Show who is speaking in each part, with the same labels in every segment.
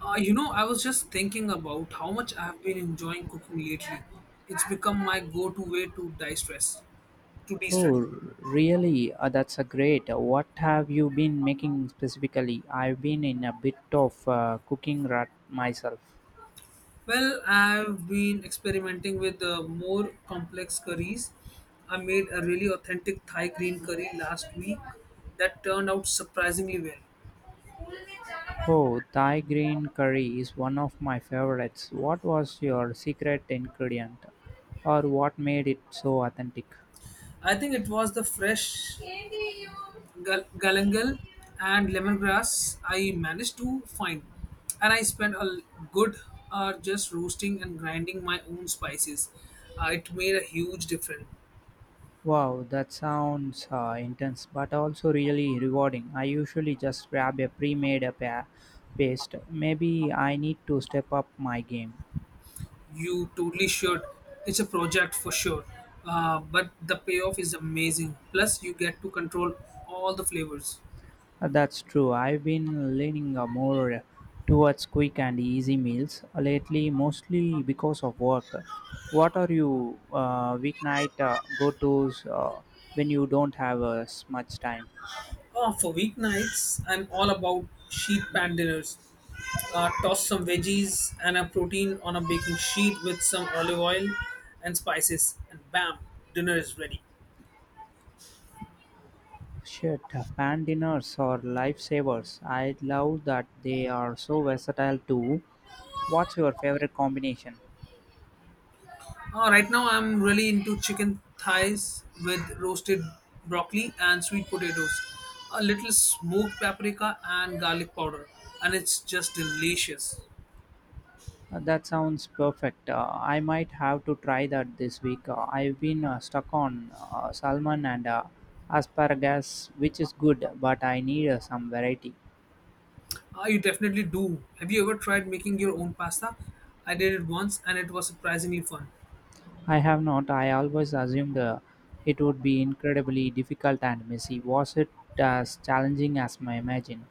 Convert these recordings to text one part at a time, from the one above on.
Speaker 1: I was just thinking about how much I have been enjoying cooking lately. It's become my go-to way to de-stress. To de-stress.
Speaker 2: Oh, really? That's a great. What have you been making specifically? I've been in a bit of cooking rut myself.
Speaker 1: Well, I've been experimenting with more complex curries. I made a really authentic Thai green curry last week that turned out surprisingly well.
Speaker 2: Oh, Thai green curry is one of my favorites. What was your secret ingredient, or what made it so authentic?
Speaker 1: I think it was the fresh galangal and lemongrass I managed to find, and I spent a good hour just roasting and grinding my own spices. It made a huge difference.
Speaker 2: Wow, that sounds intense, but also really rewarding. I usually just grab a pre-made paste. Maybe I need to step up my game.
Speaker 1: You totally should. It's a project for sure, but the payoff is amazing. Plus, you get to control all the flavors.
Speaker 2: That's true. I've been leaning more towards quick and easy meals lately, mostly because of work. What are you weeknight go-tos when you don't have much time?
Speaker 1: Oh, for weeknights, I'm all about sheet pan dinners. Toss some veggies and a protein on a baking sheet with some olive oil and spices, and bam, dinner is ready.
Speaker 2: Shit, pan dinners are lifesavers. I love that they are so versatile too. What's your favorite combination?
Speaker 1: Right now, I'm really into chicken thighs with roasted broccoli and sweet potatoes, a little smoked paprika and garlic powder, and it's just delicious.
Speaker 2: That sounds perfect. I might have to try that this week. I've been stuck on salmon and asparagus, which is good, but I need some variety.
Speaker 1: You definitely do. Have you ever tried making your own pasta? I did it once and it was surprisingly fun.
Speaker 2: I have not. I always assumed it would be incredibly difficult and messy. Was it as challenging as my imagine?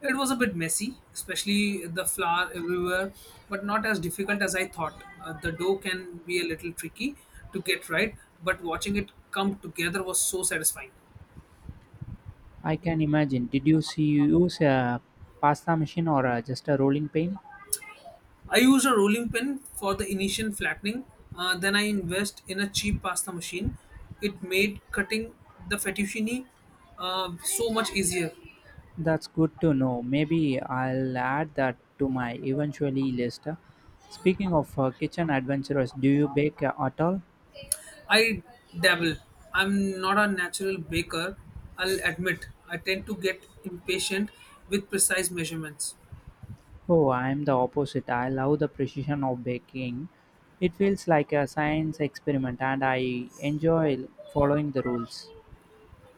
Speaker 1: It was a bit messy, especially the flour everywhere, but not as difficult as I thought. The dough can be a little tricky to get right, but watching it come together was so satisfying.
Speaker 2: I can imagine. Did you see you use a pasta machine or just a rolling pin?
Speaker 1: I used a rolling pin for the initial flattening, then I invest in a cheap pasta machine. It made cutting the fettuccine so much easier.
Speaker 2: That's good to know. Maybe I'll add that to my eventually list. Speaking of kitchen adventurers, do you bake at all?
Speaker 1: I dabble. I'm not a natural baker, I'll admit. I tend to get impatient with precise measurements.
Speaker 2: Oh, I'm the opposite. I love the precision of baking. It feels like a science experiment and I enjoy following the rules.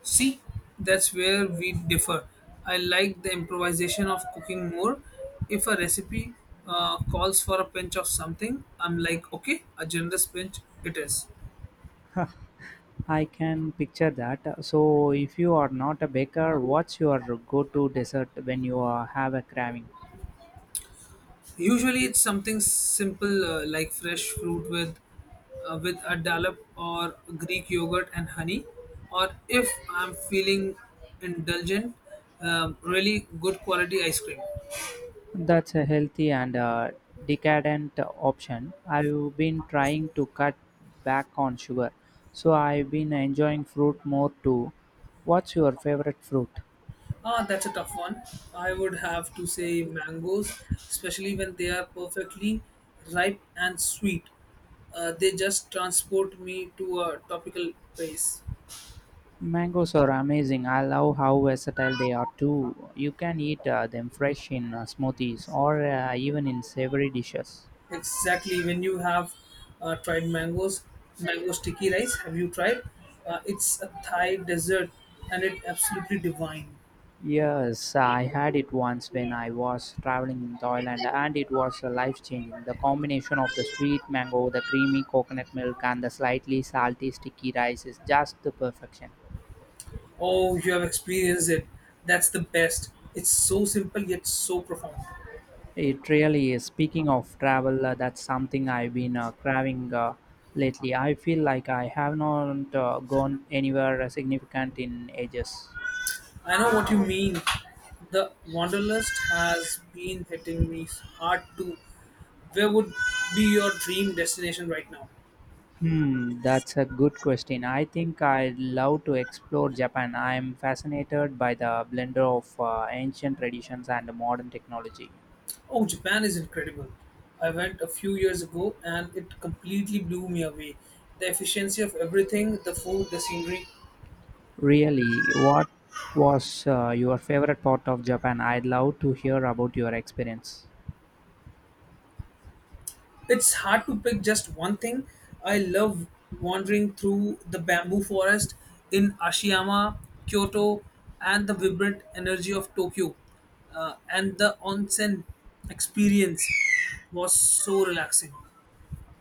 Speaker 1: See, that's where we differ. I like the improvisation of cooking more. If a recipe calls for a pinch of something, I'm like, okay, a generous pinch it is.
Speaker 2: I can picture that. So, if you are not a baker, what's your go to dessert when you have a craving?
Speaker 1: Usually, it's something simple like fresh fruit with a dollop or Greek yogurt and honey. Or if I'm feeling indulgent, really good quality ice cream.
Speaker 2: That's a healthy and decadent option. I've been trying to cut back on sugar, so I've been enjoying fruit more too. What's your favorite fruit?
Speaker 1: Ah, that's a tough one. I would have to say mangoes, especially when they are perfectly ripe and sweet. They just transport me to a tropical place.
Speaker 2: Mangoes are amazing. I love how versatile they are too. You can eat them fresh in smoothies or even in savory dishes.
Speaker 1: Exactly. When you have tried mangoes, mango sticky rice, have you tried? It's a Thai dessert and it absolutely divine.
Speaker 2: Yes, I had it once when I was traveling in Thailand, and it was life changing. The combination of the sweet mango, the creamy coconut milk, and the slightly salty sticky rice is just the perfection.
Speaker 1: Oh, you have experienced it. That's the best. It's so simple yet so profound.
Speaker 2: It really is. Speaking of travel, that's something I've been craving lately. I feel like I have not gone anywhere significant in ages.
Speaker 1: I know what you mean. The Wanderlust has been hitting me hard too. Where would be your dream destination right now?
Speaker 2: Hmm, that's a good question. I think I'd love to explore Japan. I'm fascinated by the blender of ancient traditions and modern technology.
Speaker 1: Oh, Japan is incredible. I went a few years ago and it completely blew me away. The efficiency of everything, the food, the scenery.
Speaker 2: Really, what was your favorite part of Japan? I'd love to hear about your experience.
Speaker 1: It's hard to pick just one thing. I love wandering through the bamboo forest in Ashiyama, Kyoto, and the vibrant energy of Tokyo. And the onsen experience was so relaxing.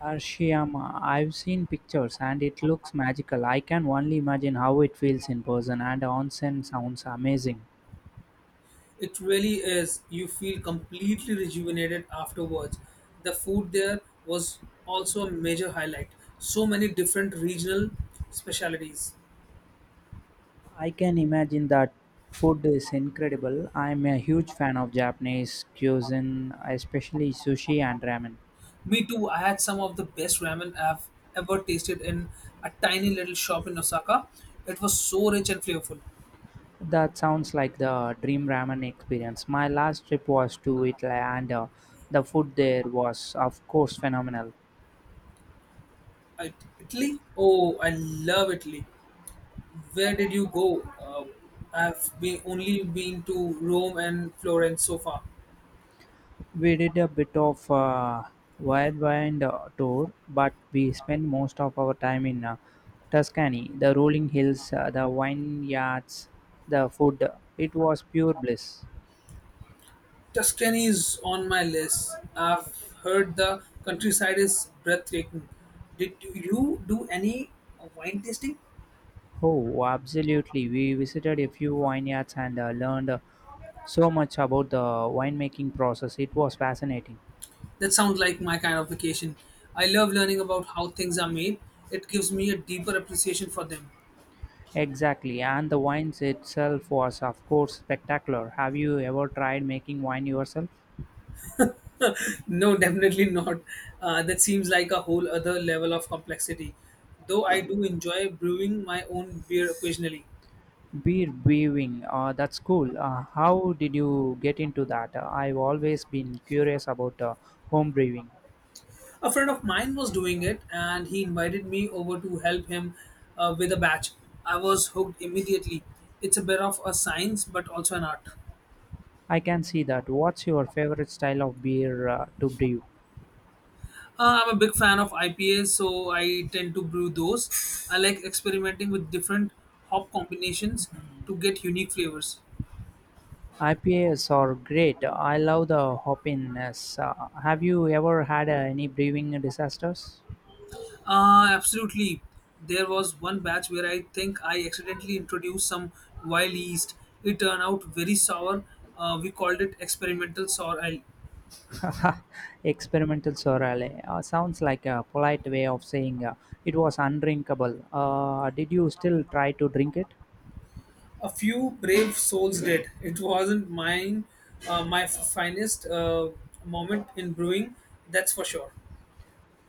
Speaker 2: Arashiyama, I've seen pictures and it looks magical. I can only imagine how it feels in person, and onsen sounds amazing.
Speaker 1: It really is. You feel completely rejuvenated afterwards. The food there was also a major highlight. So many different regional specialities.
Speaker 2: I can imagine that food is incredible. I'm a huge fan of Japanese cuisine, especially sushi and ramen.
Speaker 1: Me too. I had some of the best ramen I've ever tasted in a tiny little shop in Osaka. It was so rich and flavorful.
Speaker 2: That sounds like the dream ramen experience. My last trip was to Italy, and the food there was, of course, phenomenal.
Speaker 1: I, Italy? Oh, I love Italy. Where did you go? I've been only been to Rome and Florence so far.
Speaker 2: We did a bit of a whirlwind tour, but we spent most of our time in Tuscany, the rolling hills, the vineyards, the food. It was pure bliss.
Speaker 1: Tuscany is on my list. I've heard the countryside is breathtaking. Did you do any wine tasting?
Speaker 2: Oh, absolutely. We visited a few vineyards and learned so much about the winemaking process. It was fascinating.
Speaker 1: That sounds like my kind of vacation. I love learning about how things are made. It gives me a deeper appreciation for them.
Speaker 2: Exactly. And the wines itself was, of course, spectacular. Have you ever tried making wine yourself?
Speaker 1: No, definitely not. That seems like a whole other level of complexity. Though I do enjoy brewing my own beer occasionally.
Speaker 2: Beer brewing. That's cool. How did you get into that? I've always been curious about home brewing.
Speaker 1: A friend of mine was doing it and he invited me over to help him with a batch. I was hooked immediately. It's a bit of a science but also an art.
Speaker 2: I can see that. What's your favorite style of beer to brew?
Speaker 1: I'm a big fan of IPAs, so I tend to brew those. I like experimenting with different hop combinations to get unique flavors.
Speaker 2: IPAs are great. I love the hoppiness. Have you ever had any brewing disasters?
Speaker 1: Absolutely. There was one batch where I think I accidentally introduced some wild yeast. It turned out very sour. We called it experimental sour ale.
Speaker 2: Experimental Sorale. Sounds like a polite way of saying it was undrinkable. Did you still try to drink it?
Speaker 1: A few brave souls did. It wasn't mine, my finest moment in brewing, that's for sure.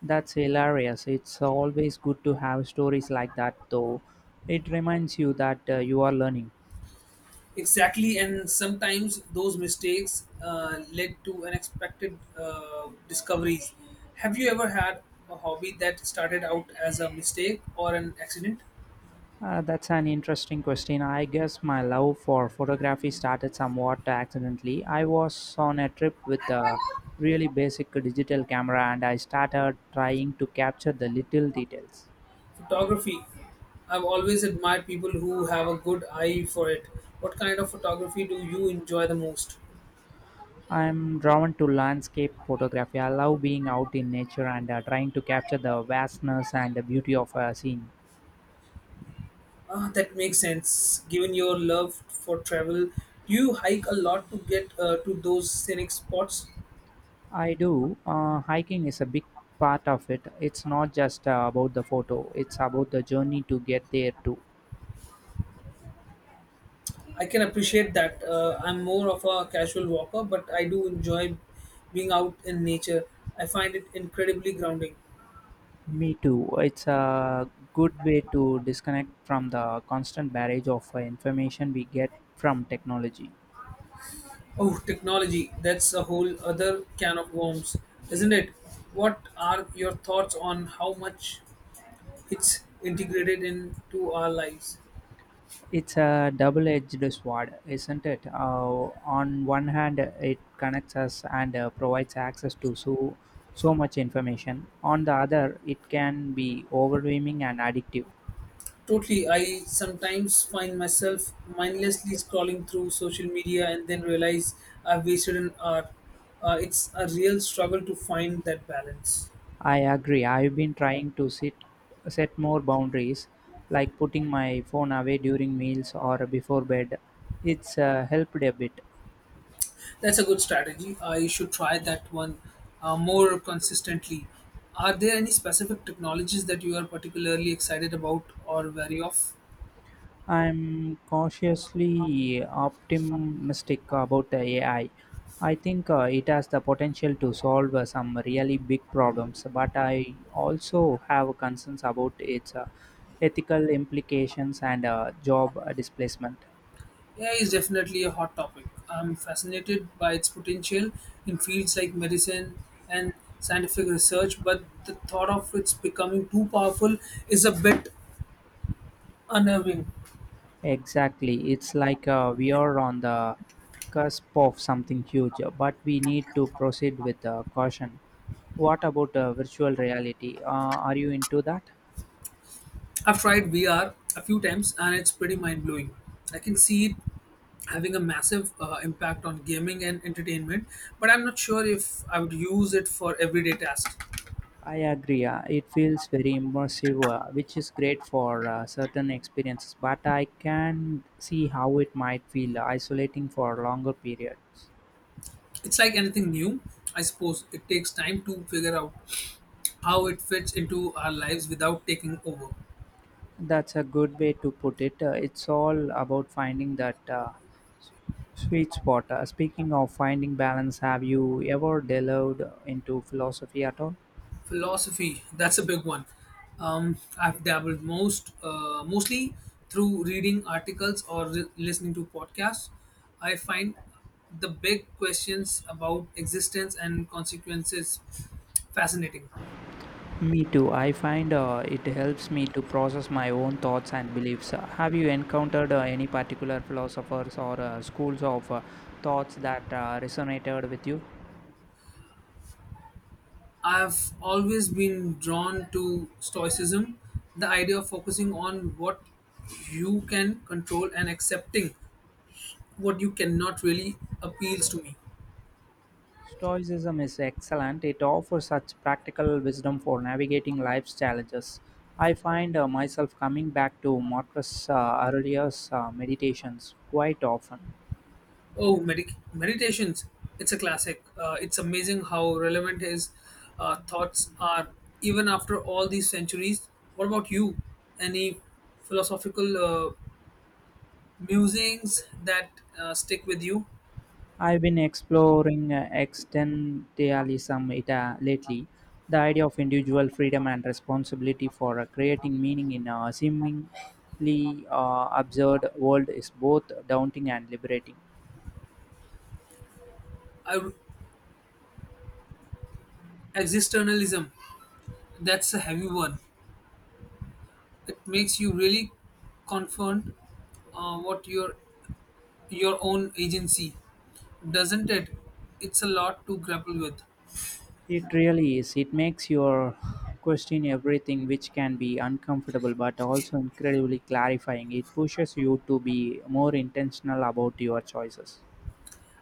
Speaker 2: That's hilarious. It's always good to have stories like that, though. It reminds you that you are learning.
Speaker 1: Exactly, and sometimes those mistakes led to unexpected discoveries. Have you ever had a hobby that started out as a mistake or an accident?
Speaker 2: That's an interesting question. I guess my love for photography started somewhat accidentally. I was on a trip with a really basic digital camera and I started trying to capture the little details.
Speaker 1: Photography. I've always admired people who have a good eye for it. What kind of photography do you enjoy the most?
Speaker 2: I'm drawn to landscape photography. I love being out in nature and trying to capture the vastness and the beauty of a scene.
Speaker 1: Ah, that makes sense. Given your love for travel, do you hike a lot to get to those scenic spots?
Speaker 2: I do. Hiking is a big part of it. It's not just about the photo, it's about the journey to get there too.
Speaker 1: I can appreciate that. I'm more of a casual walker, but I do enjoy being out in nature. I find it incredibly grounding.
Speaker 2: Me too. It's a good way to disconnect from the constant barrage of information we get from technology.
Speaker 1: Oh, technology. That's a whole other can of worms, isn't it? What are your thoughts on how much it's integrated into our lives?
Speaker 2: It's a double edged sword, isn't it? On one hand, it connects us and provides access to so much information. On the other, it can be overwhelming and addictive.
Speaker 1: Totally. I sometimes find myself mindlessly scrolling through social media and then realize I've wasted an hour. It's a real struggle to find that balance.
Speaker 2: I agree. I've been trying to set more boundaries, like putting my phone away during meals or before bed. It's helped a bit.
Speaker 1: That's a good strategy. I should try that one more consistently. Are there any specific technologies that you are particularly excited about or wary of?
Speaker 2: I'm cautiously optimistic about the AI. I think it has the potential to solve some really big problems, but I also have concerns about its ethical implications and job displacement.
Speaker 1: AI is definitely a hot topic. I'm fascinated by its potential in fields like medicine and scientific research, but the thought of its becoming too powerful is a bit unnerving.
Speaker 2: Exactly. It's like we are on the cusp of something huge, but we need to proceed with caution. What about virtual reality? Are you into that?
Speaker 1: I've tried VR a few times and it's pretty mind blowing. I can see it having a massive impact on gaming and entertainment, but I'm not sure if I would use it for everyday tasks.
Speaker 2: I agree. It feels very immersive, which is great for certain experiences, but I can see how it might feel isolating for longer periods.
Speaker 1: It's like anything new, I suppose. It takes time to figure out how it fits into our lives without taking over.
Speaker 2: That's a good way to put it. It's all about finding that s- sweet spot. Speaking of finding balance, have you ever delved into philosophy at all?
Speaker 1: Philosophy, that's a big one. I've dabbled, mostly through reading articles or listening to podcasts. I find the big questions about existence and consequences fascinating.
Speaker 2: Me too. I find it helps me to process my own thoughts and beliefs. Have you encountered any particular philosophers or schools of thoughts that resonated with you?
Speaker 1: I've always been drawn to Stoicism, the idea of focusing on what you can control and accepting what you cannot really appeals to me.
Speaker 2: Stoicism is excellent. It offers such practical wisdom for navigating life's challenges. I find myself coming back to Marcus Aurelius' meditations quite often.
Speaker 1: Oh, medic meditations. It's a classic. It's amazing how relevant his thoughts are even after all these centuries. What about you? Any philosophical musings that stick with you?
Speaker 2: I've been exploring existentialism lately, the idea of individual freedom and responsibility for creating meaning in a seemingly absurd world is both daunting and liberating.
Speaker 1: I, existentialism. That's a heavy one. It makes you really confront what your own agency, doesn't it? It's a lot to grapple with.
Speaker 2: It really is. It makes you question everything, which can be uncomfortable but also incredibly clarifying. It pushes you to be more intentional about your choices.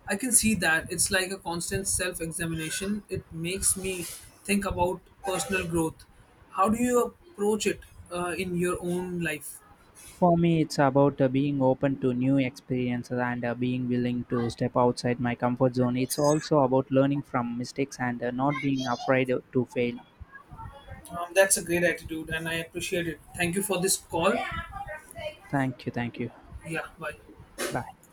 Speaker 1: I can see that it's like a constant self examination. It makes me think about personal growth. How do you approach it in your own life?
Speaker 2: For me, it's about being open to new experiences and being willing to step outside my comfort zone. It's also about learning from mistakes and not being afraid to fail.
Speaker 1: That's a great attitude and I appreciate it. Thank you for this call.
Speaker 2: Thank you, thank you.
Speaker 1: Yeah, bye.
Speaker 2: Bye.